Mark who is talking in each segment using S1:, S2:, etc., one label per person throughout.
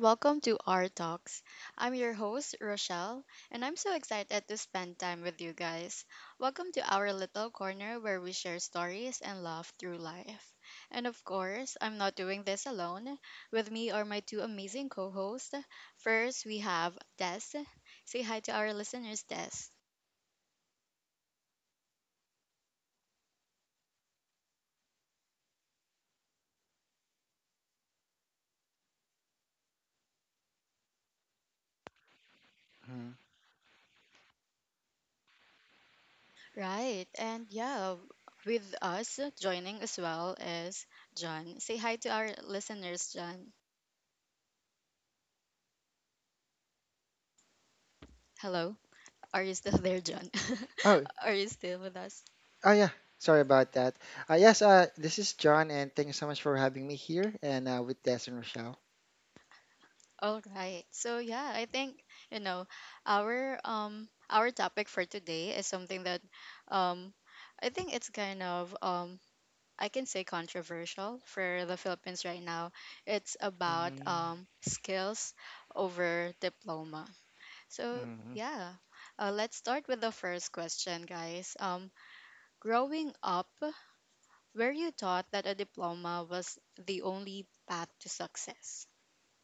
S1: welcome to our talks. I'm your host, Rochelle, and I'm so excited to spend time with you guys. Welcome to our little corner where we share stories and laugh through life. And of course, I'm not doing this alone. With me are my two amazing co hosts. First, we have Des. Say hi to our listeners, Des.
S2: Mhm.
S1: Right, and yeah, with us joining as well is John. Say hi to our listeners, John. Hello. Are you still there, John?
S2: Oh,
S1: Are you still with us?
S2: oh yeah. Sorry about that. Yes, this is John, and thank you so much for having me here and with Des and Rochelle.
S1: All right. So yeah, I think you know our topic for today is something that um I think it's kind of I can say controversial for the Philippines right now. It's about
S2: Mm-hmm.
S1: skills over diploma. So
S2: Mm-hmm.
S1: yeah, let's start with the first question, guys. Growing up where you thought that a diploma was the only path to success?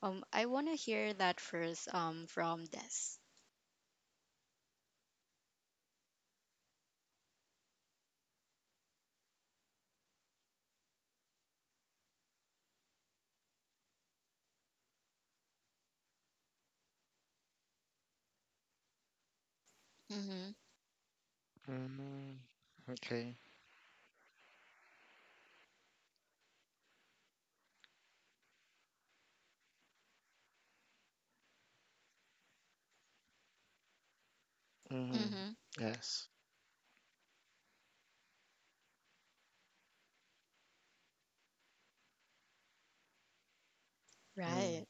S1: I want to hear that first from Des. Mm-hmm.
S2: Okay. Mm-hmm.
S1: Mm-hmm.
S2: Yes.
S1: Right.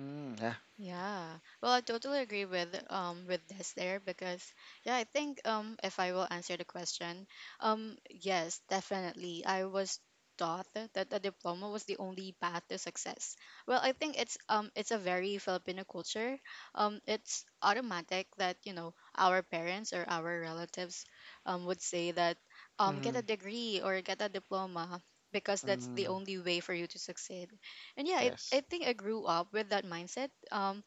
S2: Mm-hmm. Yeah.
S1: Yeah. Well, I totally agree with this there because yeah, I think if I will answer the question, yes, definitely. I was taught that a diploma was the only path to success. Well, I think it's a very Filipino culture. It's automatic that, you know, our parents or our relatives would say that get
S2: Mm-hmm.
S1: a degree or get a diploma because that's the
S2: Mm-hmm.
S1: only way for you to succeed, and yeah, I
S2: Yes.
S1: think I grew up with that mindset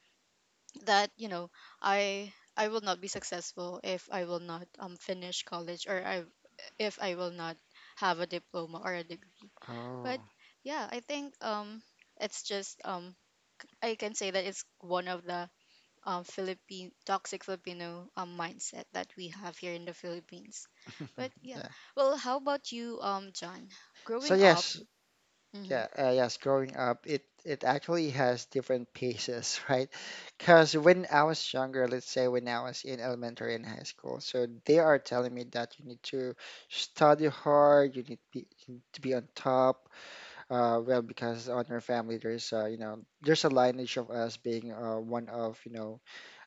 S1: that you know i I will not be successful if I will not finish college, or I if I will not have a diploma or a degree. But
S2: Oh.
S1: yeah, I think it's just I can say that it's one of the philippine toxic Filipino mindset that we have here in the Philippines. But yeah,
S2: Yeah.
S1: well, how about you, John,
S2: So
S1: growing up?
S2: yes.
S1: Mm-hmm,
S2: Yeah, yes, growing up, it actually has different paces, right? Because when I was younger, let's say when I was in elementary and high school, so they are telling me that you need to study hard, you need to be on top. Well, because on your family, there's a lineage of us being one of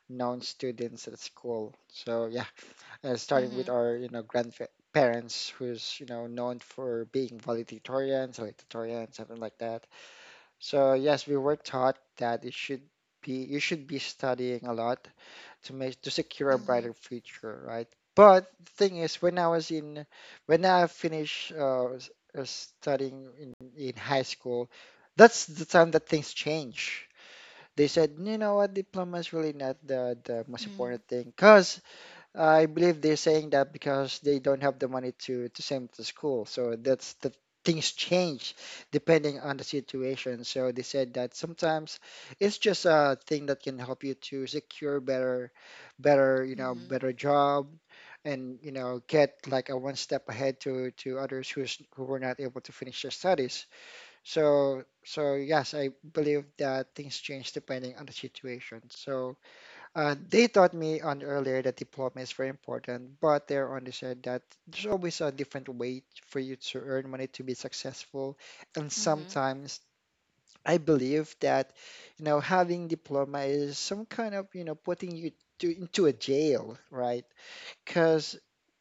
S2: known students at school. So yeah, starting with
S1: hmm
S2: our you know grandfa parents who's known for being valedictorians, salutatorians, something like that. So yes, we were taught that it should be you should be studying a lot to secure a
S1: hmm
S2: brighter future, right? But the thing is, when I finished studying in high school, that's the time that things change. They said, you know what, diploma is really not the most important
S1: hmm
S2: thing, because I believe they're saying that because they don't have the money to send to school. So that's the things change depending on the situation. So they said that sometimes it's just a thing that can help you to secure better job and, get like a one step ahead to others who were not able to finish their studies. So yes, I believe that things change depending on the situation. So they taught me on earlier that diploma is very important, but they only said that there's always a different way for you to earn money to be successful. And
S1: hmm
S2: sometimes I believe that, having diploma is some kind of putting you into a jail, right? Because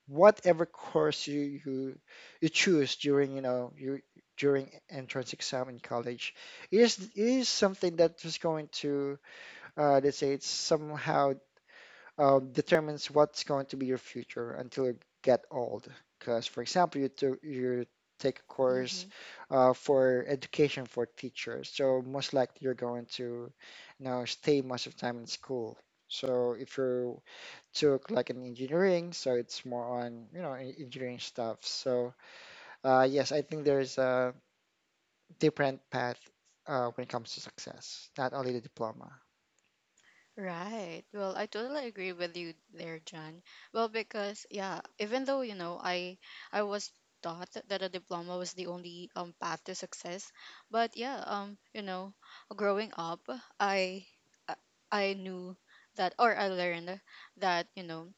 S2: whatever course you choose during, you know, you during entrance exam in college is something that is going to let's say it's somehow determines what's going to be your future until you get old. Because, for example, you take a course
S1: hmm
S2: for education for teachers, so most likely you're going to stay most of the time in school. So if you took like an engineering, so it's more on engineering stuff. So yes, I think there's a different path when it comes to success, not only the diploma.
S1: Right. Well, I totally agree with you there, John. Well, because yeah, even though you know, I was taught that a diploma was the only path to success, but yeah, you know, growing up, I I I knew that, or I learned that you know,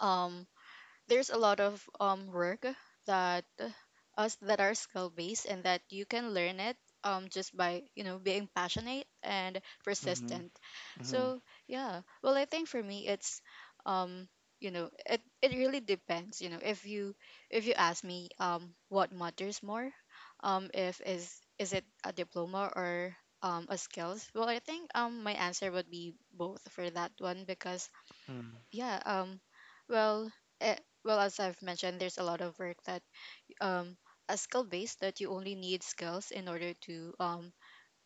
S1: um, there's a lot of work that us that are skill based, and that you can learn it just by you know being passionate and
S2: Mm-hmm.
S1: persistent.
S2: Mm-hmm.
S1: So yeah, well I think for me it's um you know it really depends, you know, if you ask me what matters more, if is is it a diploma or a skills? Well, I think my answer would be both for that one, because
S2: Mm.
S1: yeah well eh, well, as I've mentioned, there's a lot of work that um a skill based, that you only need skills in order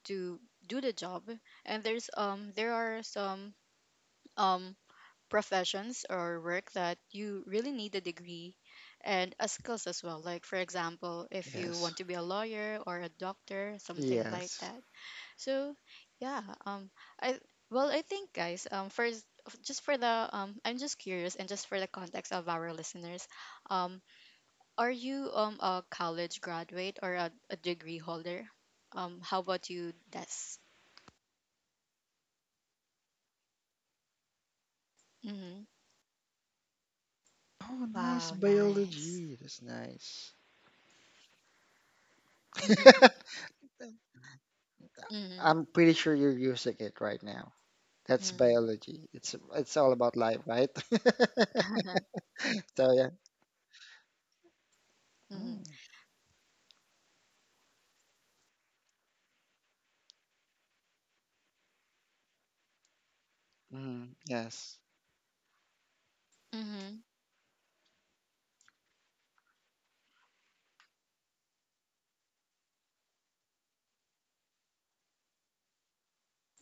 S1: to do the job. And there's there are some um professions or work that you really need a degree and a skills as well, like for example if you want
S2: Yes.
S1: to be a lawyer or a doctor, something like
S2: Yes.
S1: that. So yeah, I well, I think guys, first just for the I'm just curious, and just for the context of our listeners, um, are you a college graduate or a degree holder? How about you, Des? Mm-hmm.
S2: Oh, nice
S1: Wow, nice.
S2: biology. That's nice.
S1: Mm-hmm.
S2: I'm pretty sure you're using it right now. That's
S1: Mm-hmm.
S2: biology. It's all about life, right? So yeah.
S1: mm-hmm.
S2: Mm-hmm. Yes.
S1: Mm-hmm.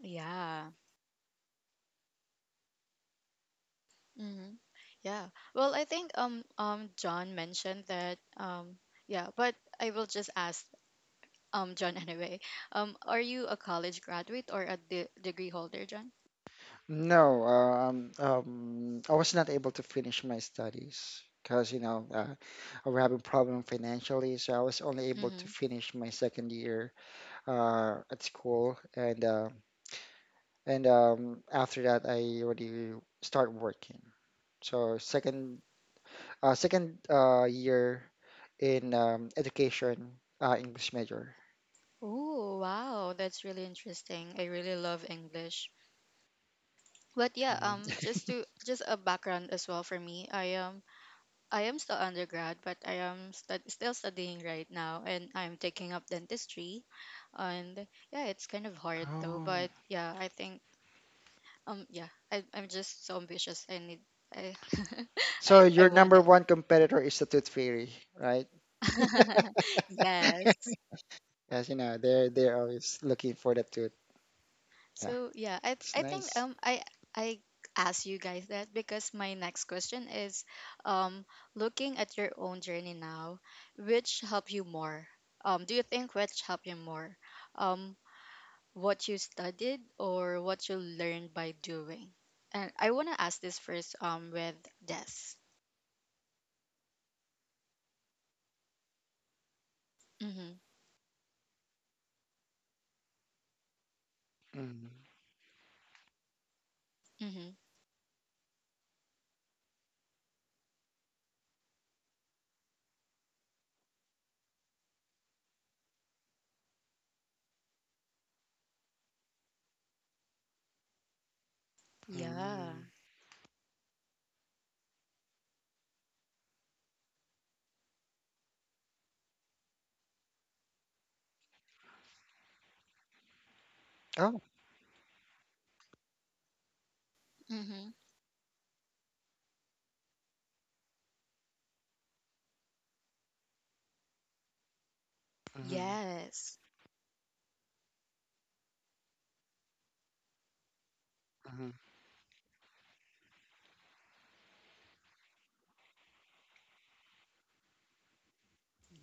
S1: Yeah. Mm-hmm. Yeah. Well, I think John mentioned that yeah, but I will just ask John anyway. Are you a college graduate or a degree holder, John?
S2: No, I was not able to finish my studies because I was having problem financially, so I was only able to
S1: Mhm.
S2: finish my second year at school, and after that, I already start working. So second year in education English major.
S1: Oh, wow, that's really interesting. I really love English. But yeah,
S2: Mhm.
S1: just to just a background as well for me. I am still undergrad, but I am stud still studying right now and I'm taking up dentistry. And yeah, it's kind of hard though,
S2: Oh.
S1: but yeah, I think yeah, I'm just so ambitious. I need I
S2: So
S1: I
S2: your
S1: want
S2: number
S1: it.
S2: one competitor is the tooth fairy, right?
S1: Yes.
S2: As you know, they're always looking for the tooth. Yeah,
S1: So yeah, I
S2: it's
S1: I think
S2: nice.
S1: I asked you guys that because my next question is um looking at your own journey now, which helped you more? Do you think which helped you more? Um, what you studied or what you learned by doing? And I wanna ask this first with Des. Mm-hmm.
S2: Mm,
S1: Mm-hmm. Yeah.
S2: mm, Oh,
S1: Mm-hmm.
S2: mm,
S1: Yes.
S2: mm,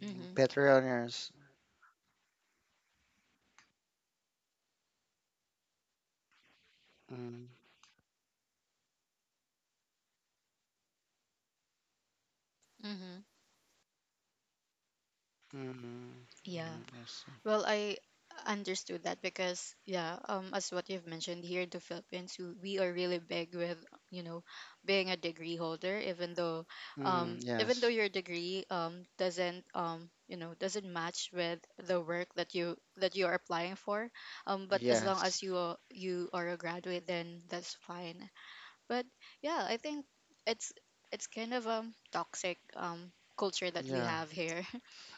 S1: Mm-hmm.
S2: better earners. Mm,
S1: Mm-hmm.
S2: mm,
S1: Yeah.
S2: mm, I see.
S1: Well, I understood that because yeah, as what you've mentioned, here in the Philippines, we are really big with you know being a degree holder,
S2: Mm,
S1: even though
S2: yes,
S1: your degree doesn't you know doesn't match with the work that you are applying for, but as long
S2: yes.
S1: as you are a graduate, then that's fine. But yeah, I think it's it's kind of toxic culture that we
S2: Yeah.
S1: have here.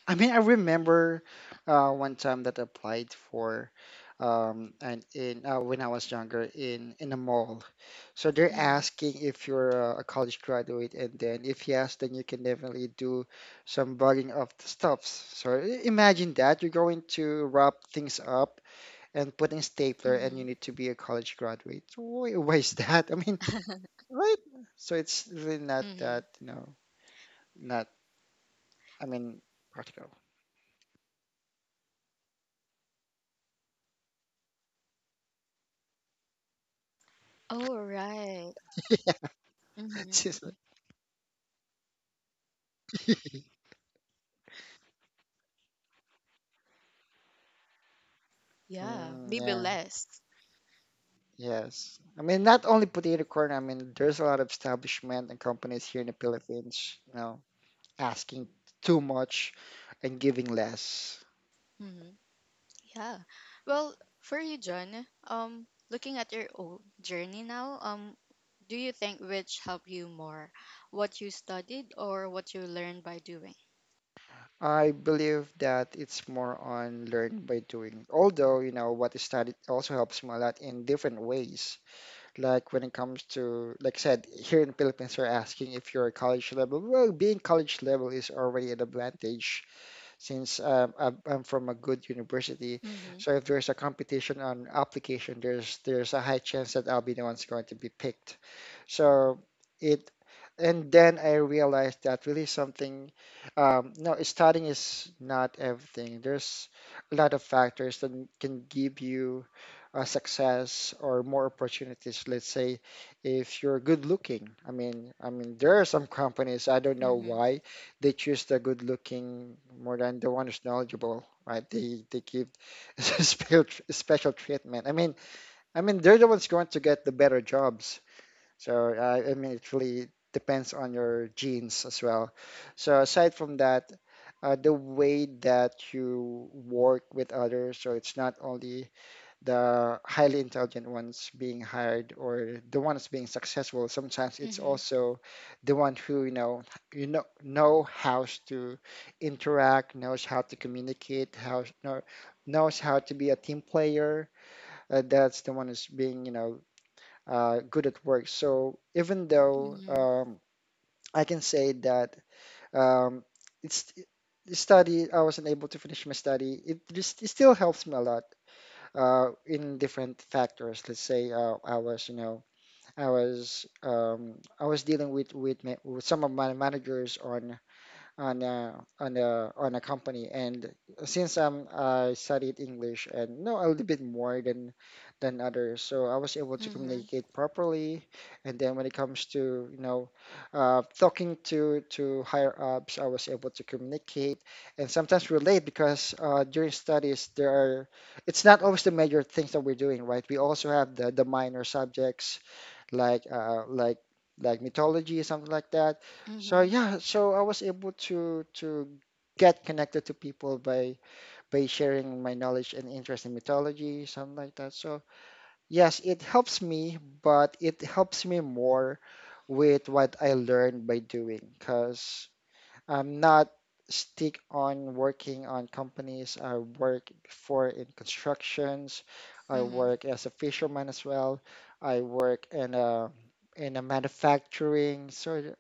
S2: I mean, I remember one time that I applied for and in when I was younger in a mall. So they're
S1: hmm
S2: asking if you're a college graduate, and then if yes, then you can definitely do some bugging of the stuffs. So imagine that you're going to wrap things up and put in stapler, and you
S1: hmm
S2: need to be a college graduate. So why is that? I mean, right? So it's really not
S1: hmm
S2: that not. I mean, practical.
S1: Oh, right. Mm-hmm.
S2: Seriously.
S1: Yeah,
S2: Mm,
S1: maybe
S2: yeah,
S1: less.
S2: yes. I mean, not only potato corn. I mean, there's a lot of establishment and companies here in the Philippines, asking too much and giving less.
S1: Mm-hmm. Yeah. Well, for you, John, looking at your own journey now, do you think which helped you more, what you studied or what you learned by doing?
S2: I believe that it's more on learn by doing. Although, what is studied also helps me a lot in different ways. Like when it comes to, like I said, here in the Philippines, we're asking if you're a college level. Well, being college level is already an advantage since I'm from a good university.
S1: Mm-hmm.
S2: So if there's a competition on application, there's a high chance that I'll be the one's going to be picked. So it, and then I realized that really something, no, studying is not everything. There's a lot of factors that can give you success or more opportunities. Let's say if you're good looking. I mean there are some companies, I don't know
S1: Mm-hmm.
S2: why they choose the good looking more than the one who's knowledgeable. Right? They give special special treatment. I mean they're the ones going to get the better jobs. So I mean it really depends on your genes as well. So aside from that. The way that you work with others, so it's not only the highly intelligent ones being hired or the ones being successful. Sometimes it's
S1: Mm-hmm.
S2: also the one who know how to interact, knows how to communicate, knows how to be a team player. That's the one who's being good at work. So even though
S1: Mm-hmm.
S2: I can say that um, it's the study, I wasn't able to finish my study, it still helps me a lot in different factors. Let's say I was, you know, I was dealing with some of my managers on a company, and since I studied English and know a little bit more than others, so I was able to
S1: Mm-hmm.
S2: communicate properly. And then when it comes to talking to higher ups, I was able to communicate and sometimes relate, because during studies, there are it's not always the major things that we're doing, right? We also have the minor subjects, like like mythology, something like that. So
S1: Mm-hmm.
S2: yeah, so I was able to get connected to people by sharing my knowledge and interest in mythology, something like that. So yes, it helps me, but it helps me more with what I learned by doing, because I'm not stick on working on companies. I work before in constructions. I
S1: Mm-hmm.
S2: work as a fisherman as well. I work in a manufacturing. So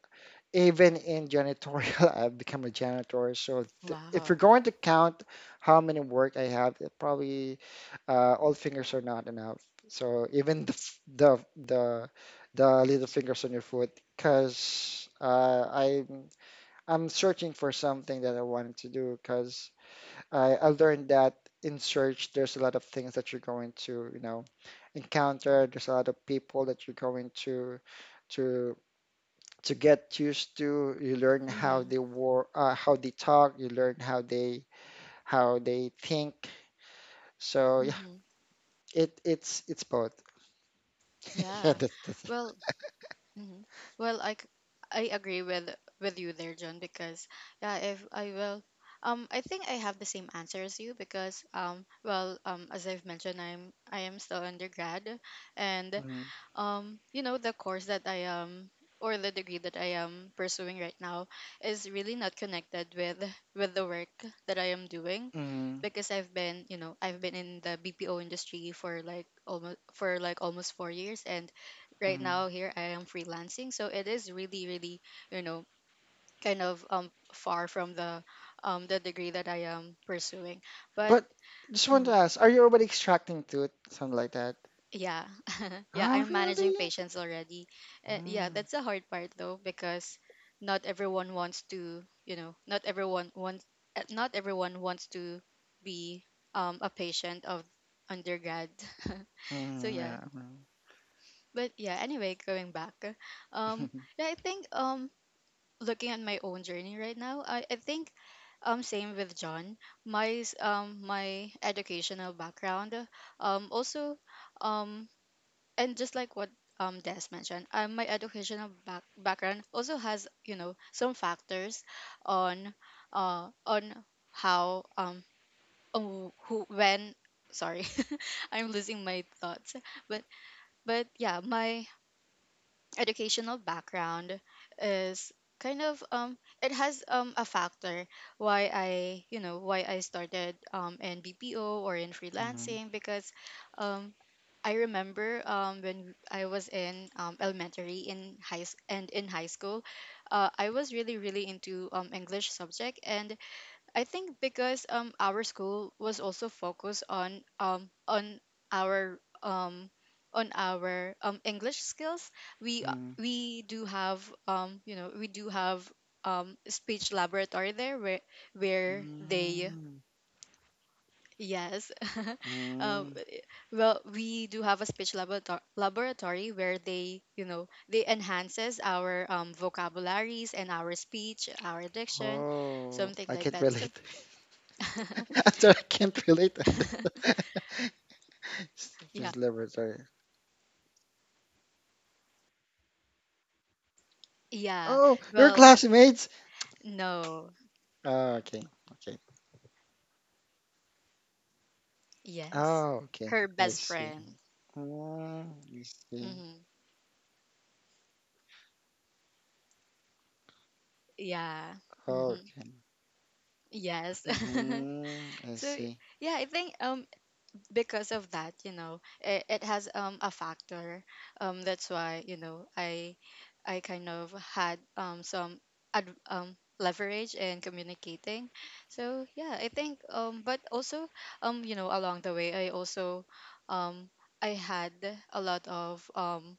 S2: even in janitorial, I've become a janitor. So th if you're
S1: Wow.
S2: going to count how many work I have, it probably all fingers are not enough. So even the f- the the little fingers on your foot, because I'm searching for something that I wanted to do, because I learned that in search, there's a lot of things that you're going to encounter. There's a lot of people that you're going to, to, to, get used to. You learn
S1: Mm-hmm.
S2: how they talk. You learn how they think. So yeah,
S1: Mm-hmm.
S2: it's both. Yeah,
S1: Yeah.
S2: that's it.
S1: Well, Mhm. Well, I agree with you there, John, because yeah, if I will, I think I have the same answer as you because well, as I've mentioned, I am still undergrad, and
S2: Mhm,
S1: you know the course that I am or the degree that I am pursuing right now is really not connected with the work that I am doing,
S2: mhm,
S1: because I've been you know I've been in the BPO industry for like almost 4 years, and right
S2: mhm.
S1: now here I am freelancing. So it is really really you know kind of far from the degree that I am pursuing. But
S2: But just want to
S1: mm-hmm.
S2: ask, are you already extracting tooth, something like that?
S1: Yeah, yeah,
S2: Oh,
S1: I'm managing
S2: really?
S1: patients already. Yeah, that's the hard part though, because not everyone wants to, you know, not everyone wants to be a patient of undergrad. so
S2: Mm,
S1: yeah,
S2: yeah.
S1: but yeah, anyway, going back, um,
S2: Mm,
S1: yeah, I think looking at my own journey right now, I think same with John, my my educational background, also. Um, and just like what Des mentioned, my educational background also has you know some factors on on how on wh- who when sorry I'm losing my thoughts, but but yeah, my educational background is kind of it has a factor why I you know why I started in BPO or in
S2: mm,
S1: freelancing, because um I remember when I was in elementary in high s- and in high school, I was really really into English subject, and I think because our school was also focused our um, on our English skills,
S2: mm,
S1: we do have you know we do have speech laboratory there where they
S2: mm,
S1: yes Um,
S2: mm.
S1: well, we do have a speech laboratory where they, you know, they enhances our vocabularies and our speech, our diction,
S2: Oh,
S1: something
S2: I
S1: like
S2: can't
S1: that. So,
S2: relate. I'm sorry, I can't relate on that.
S1: yeah,
S2: Just laboratory.
S1: yeah.
S2: Oh, your
S1: Well,
S2: classmates.
S1: no,
S2: Oh, okay, okay.
S1: yes,
S2: Oh, okay.
S1: her
S2: I
S1: best
S2: see.
S1: friend.
S2: Mm, I see.
S1: hmm Yeah.
S2: Oh,
S1: hmm
S2: okay.
S1: Yes.
S2: Mm-hmm. I
S1: so
S2: see.
S1: yeah, I think because of that you know it has a factor that's why you know I kind of had some leverage in communicating. So yeah, I think but also you know along the way I also um I had a lot of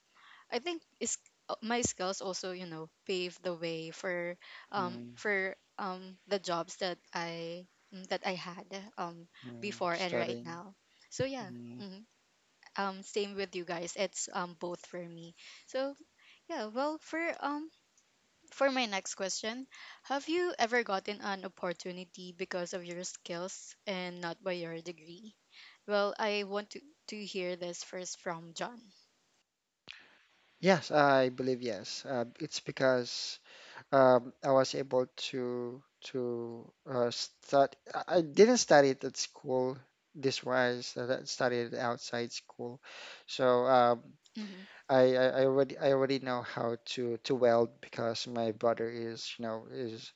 S1: I think is my skills also you know paved the way
S2: Mm-hmm.
S1: for the jobs that I that I had um before and right
S2: Studying.
S1: now. So yeah,
S2: Mm.
S1: mhm. Same with you guys. It's both for me. So yeah, well, for my next question, have you ever gotten an opportunity because of your skills and not by your degree? Well, I want to hear this first from John.
S2: Yes, I believe yes. It's because, I was able to study. I didn't study it at school this wise. I studied it outside school, so
S1: hmm
S2: I already know how to weld, because my brother is you know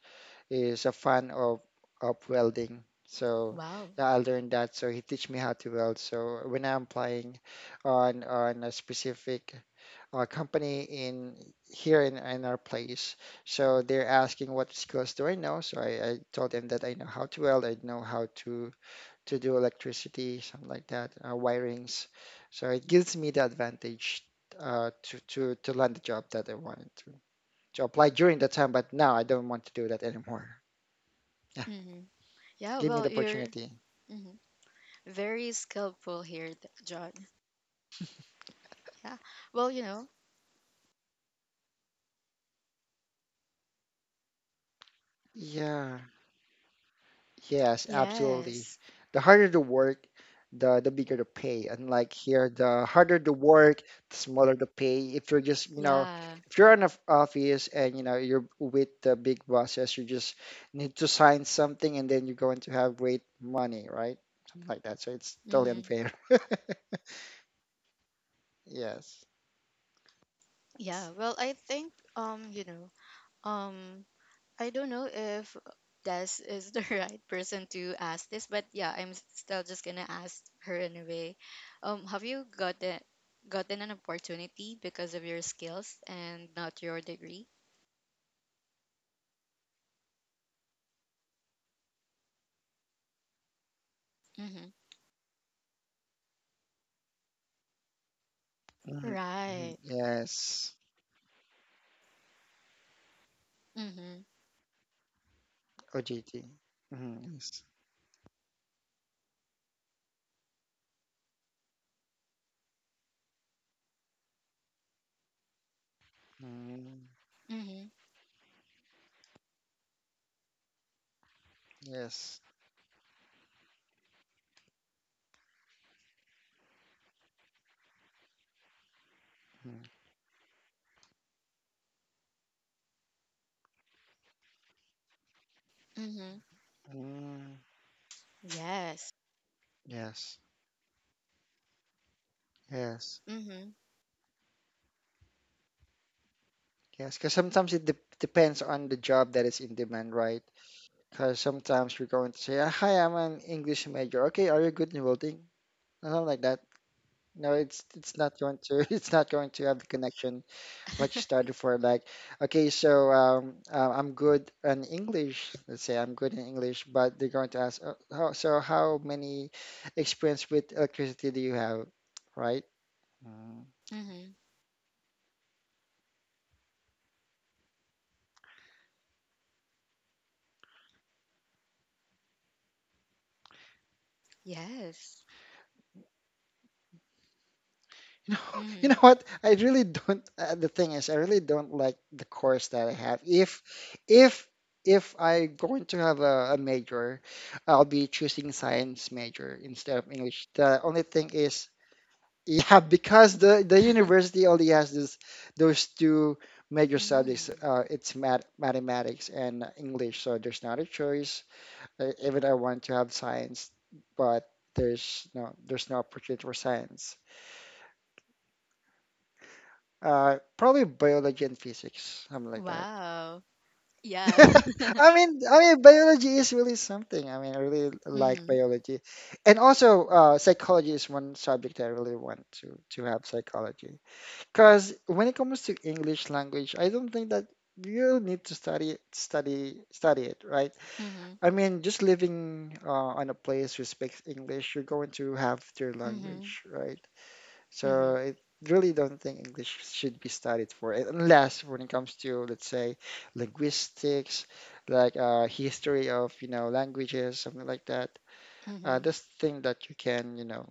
S2: is a fan of welding. So
S1: Wow.
S2: yeah, I learned that. So he teach me how to weld. So when I'm applying on a specific company in here in our place. So they're asking what skills do I know. So I told them that I know how to weld, I know how to do electricity, something like that, wirings. So it gives me the advantage to land the job that I wanted to apply during the time. But now I don't want to do that anymore. Yeah,
S1: Yeah,
S2: give me
S1: well,
S2: the
S1: you're
S2: opportunity.
S1: mhm, very skillful here, John. Yeah. Well, you know,
S2: Yeah. Yes, absolutely.
S1: yes.
S2: The harder the work, the bigger the pay. And like here, the harder the work, the smaller the pay. If you're just
S1: Yeah.
S2: if you're in an office and you know you're with the big bosses, you just need to sign something and then you're going to have great money, right? Something like that. So it's totally
S1: hmm
S2: unfair. Yes.
S1: Yeah. Well, I think you know, um, I don't know if Des is the right person to ask this, but yeah, I'm still just gonna ask her anyway. Have you gotten an opportunity because of your skills and not your degree? Mm-hmm.
S2: Mhm, mhm,
S1: Right.
S2: yes.
S1: Mm-hmm.
S2: OGT. Mhm, yes. Mm,
S1: Mm-hmm.
S2: yes. Mm,
S1: Mm-hmm.
S2: mm,
S1: Yes.
S2: yes. Yes.
S1: Mm-hmm.
S2: Yes, because sometimes it de depends on the job that is in demand, right? Because sometimes you're going to say, "Ah, "Hi, I'm an English major." Okay, are you good in welding? Or something like that. No, it's not going to it's not going to have the connection what you started for. Like, okay, so I'm good in English. Let's say I'm good in English, but they're going to ask, oh, how many experience with electricity do you have, right? Mm.
S1: hmm Yes.
S2: You know, you know
S1: hmm
S2: what? I really don't. The thing is, I really don't like the course that I have. If, if I'm going to have a major, I'll be choosing science major instead of English. The only thing is, yeah, because the university only has this those two major subjects.
S1: hmm
S2: It's mathematics and English, so there's not a choice. Even I want to have science, but there's no opportunity for science. Probably biology and physics, something like that.
S1: Wow. Yeah.
S2: Biology is really something. I mean, I really like
S1: hmm
S2: biology, and also psychology is one subject I really want to have psychology. Because when it comes to English language, I don't think that you need to study study it, right?
S1: hmm
S2: I mean, just living on a place who speaks English, you're going to have their
S1: hmm
S2: language, right? So
S1: hmm
S2: I really don't think English should be studied for it, unless when it comes to, let's say, linguistics, like history of, you know, languages, something like that.
S1: hmm
S2: This thing that you can, you know,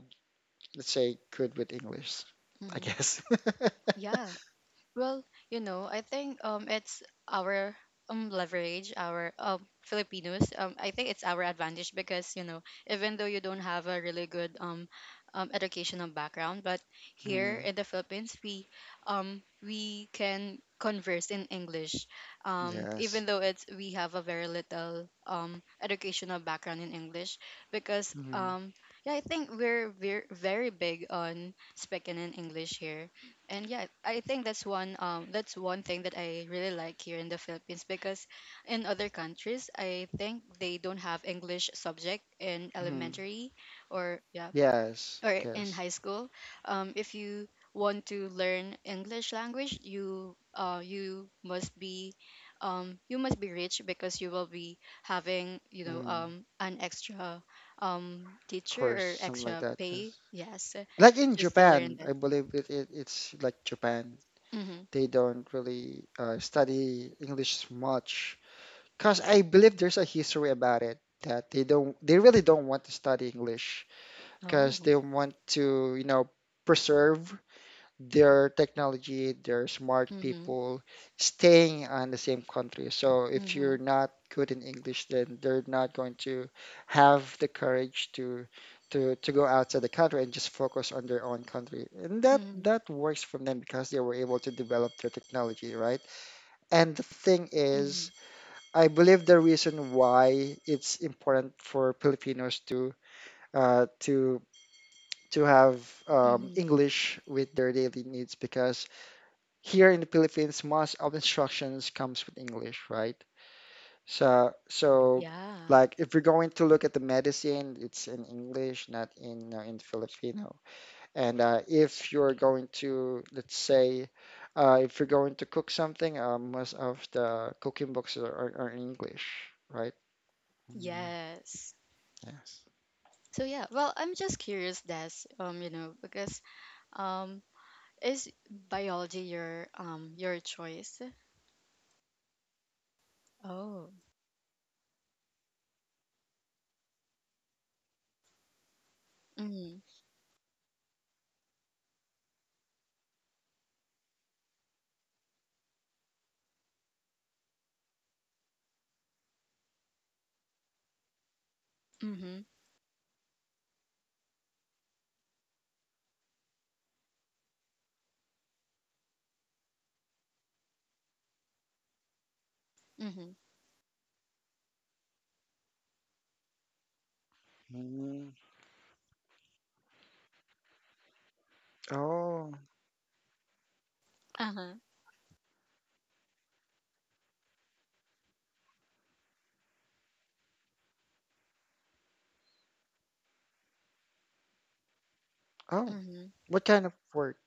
S2: let's say, good with English, I
S1: hmm
S2: guess.
S1: Yeah. Well, you know, I think it's our leverage, our Filipinos. I think it's our advantage because you know, even though you don't have a really good educational background, but here
S2: Mm,
S1: in the Philippines, we can converse in English, even
S2: yes.
S1: though it's we have a very little educational background in English because
S2: Mm,
S1: um. Yeah, I think we're very very big on speaking in English here, and yeah, I think that's one thing that I really like here in the Philippines, because in other countries I think they don't have English subject in
S2: mm,
S1: elementary, or yeah,
S2: yes,
S1: or in
S2: yes.
S1: high school. If you want to learn English language, you must be rich, because you will be having
S2: Mm, of
S1: an extra teacher
S2: course,
S1: or
S2: something like
S1: extra
S2: that. Yes.
S1: pay, yes,
S2: Like in
S1: just to learn
S2: Japan,
S1: that.
S2: I believe it's like Japan.
S1: Mm-hmm.
S2: They don't really study English much because I believe there's a history about it that they really don't want to study English
S1: Oh.
S2: because they want to you know preserve their technology, their smart
S1: Mhm.
S2: people staying on the same country. So if you're
S1: Mhm.
S2: not good in English, then they're not going to have the courage to to go outside the country and just focus on their own country. And
S1: Mhm.
S2: that works for them because they were able to develop their technology, right? And the thing is,
S1: Mhm.
S2: I believe the reason why it's important for Filipinos to uh, to to have
S1: Mhm.
S2: English with their daily needs because here in the Philippines, most of instructions comes with English, right? So
S1: Yeah.
S2: like if you're going to look at the medicine, it's in English, not in in Filipino. And if you're going to, let's say, if you're going to cook something, most of the cooking books are, are in English, right? Mm,
S1: Yes.
S2: yes.
S1: So yeah, well, I'm just curious, Des, because um, is biology your choice? Oh. Mhm. Mhm. Mhm.
S2: Mm, oh,
S1: Uh huh.
S2: oh,
S1: Mhm.
S2: what kind of work?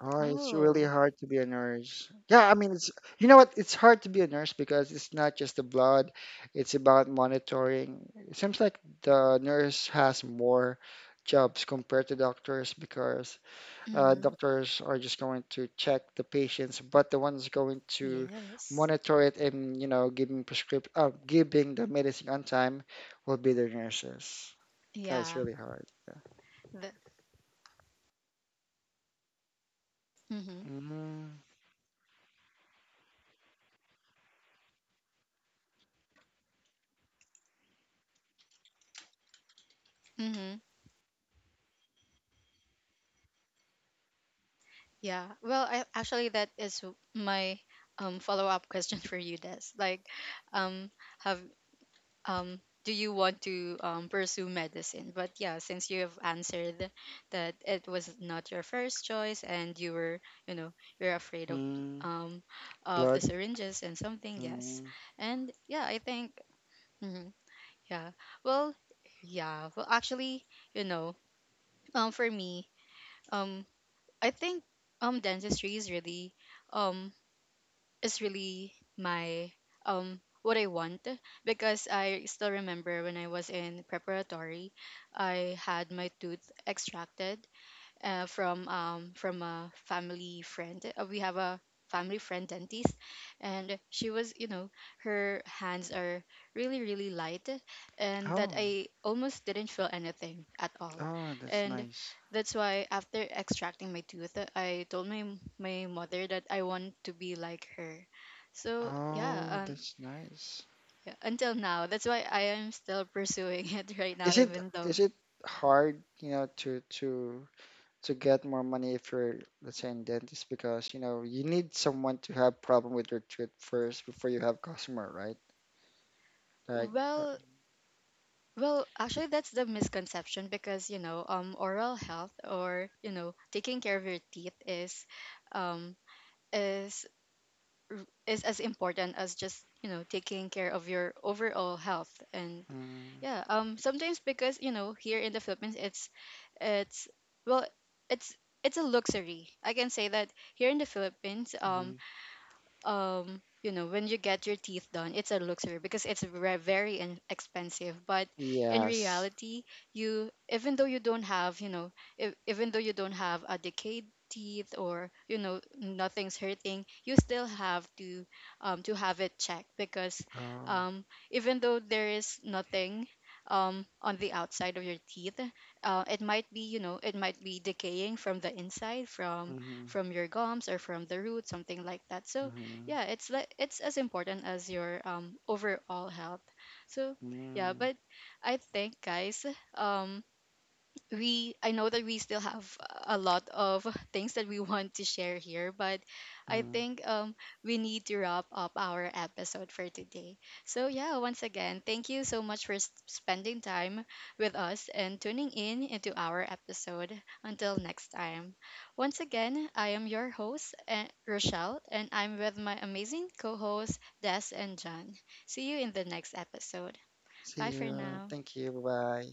S2: Oh, it's really
S1: Oh.
S2: hard to be a nurse. Yeah, I mean, it's you know what? It's hard to be a nurse because it's not just the blood, it's about monitoring. It seems like the nurse has more jobs compared to doctors because
S1: Mhm.
S2: doctors are just going to check the patients, but the one's going to
S1: Yes.
S2: monitor it and you know giving prescrip giving the medicine on time will be the nurses. That's
S1: Yeah.
S2: really hard.
S1: The, mhm.
S2: Mm-hmm.
S1: Mhm. Yeah. Well, I actually that is my follow up question for you, Des. Like, um, have do you want to pursue medicine? But yeah, since you have answered that it was not your first choice, and you were you know you're afraid
S2: Mm-hmm.
S1: um of the
S2: Blood.
S1: syringes and something. Yes.
S2: Mm.
S1: And yeah, I think, mhm, yeah, well, yeah, well, actually, you know for me um I think dentistry um is really my, what I want. Because I still remember when I was in preparatory, I had my tooth extracted, from a family friend. We have a family friend dentist, and she was, you know, her hands are really really light, and that
S2: Oh.
S1: I almost didn't feel anything at all,
S2: Oh, that's
S1: and
S2: nice.
S1: that's why after extracting my tooth, I told my mother that I want to be like her. So yeah,
S2: Oh, that's nice.
S1: yeah, until now, that's why I am still pursuing it right now, even though,
S2: Is it hard, you know, to to get more money if you're, let's say, in dentist because, you know, you need someone to have problem with your tooth first before you have customer, right? Like, uh,
S1: well. Well, actually, that's the misconception, because oral health, or taking care of your teeth um, is is as important as just taking care of your overall health. And
S2: mm,
S1: yeah, sometimes, because here in the Philippines it's well, it's it's a luxury. I can say that here in the Philippines,
S2: mhm.
S1: when you get your teeth done it's a luxury, because it's very expensive. But in
S2: Yes.
S1: reality, you, even though you don't have, if, even though you don't have a decayed teeth, or nothing's hurting, you still have to have it checked, because
S2: Oh,
S1: um, even though there is nothing on the outside of your teeth, it might be it might be decaying from the inside from
S2: mm-hmm,
S1: from your gums, or from the root, something like that. So
S2: mm-hmm,
S1: yeah, it's like it's as important as your overall health. So yeah,
S2: mm-hmm.
S1: but I think guys, um we, I know that we still have a lot of things that we want to share here, but I
S2: Mm-hmm.
S1: think we need to wrap up our episode for today. So yeah, once again, thank you so much for spending time with us and tuning in into our episode. Until next time. Once again, I am your host, Rochelle, and I'm with my amazing co-hosts, Des and John. See you in the next episode.
S2: See
S1: Bye for
S2: you.
S1: now.
S2: Thank you. Bye.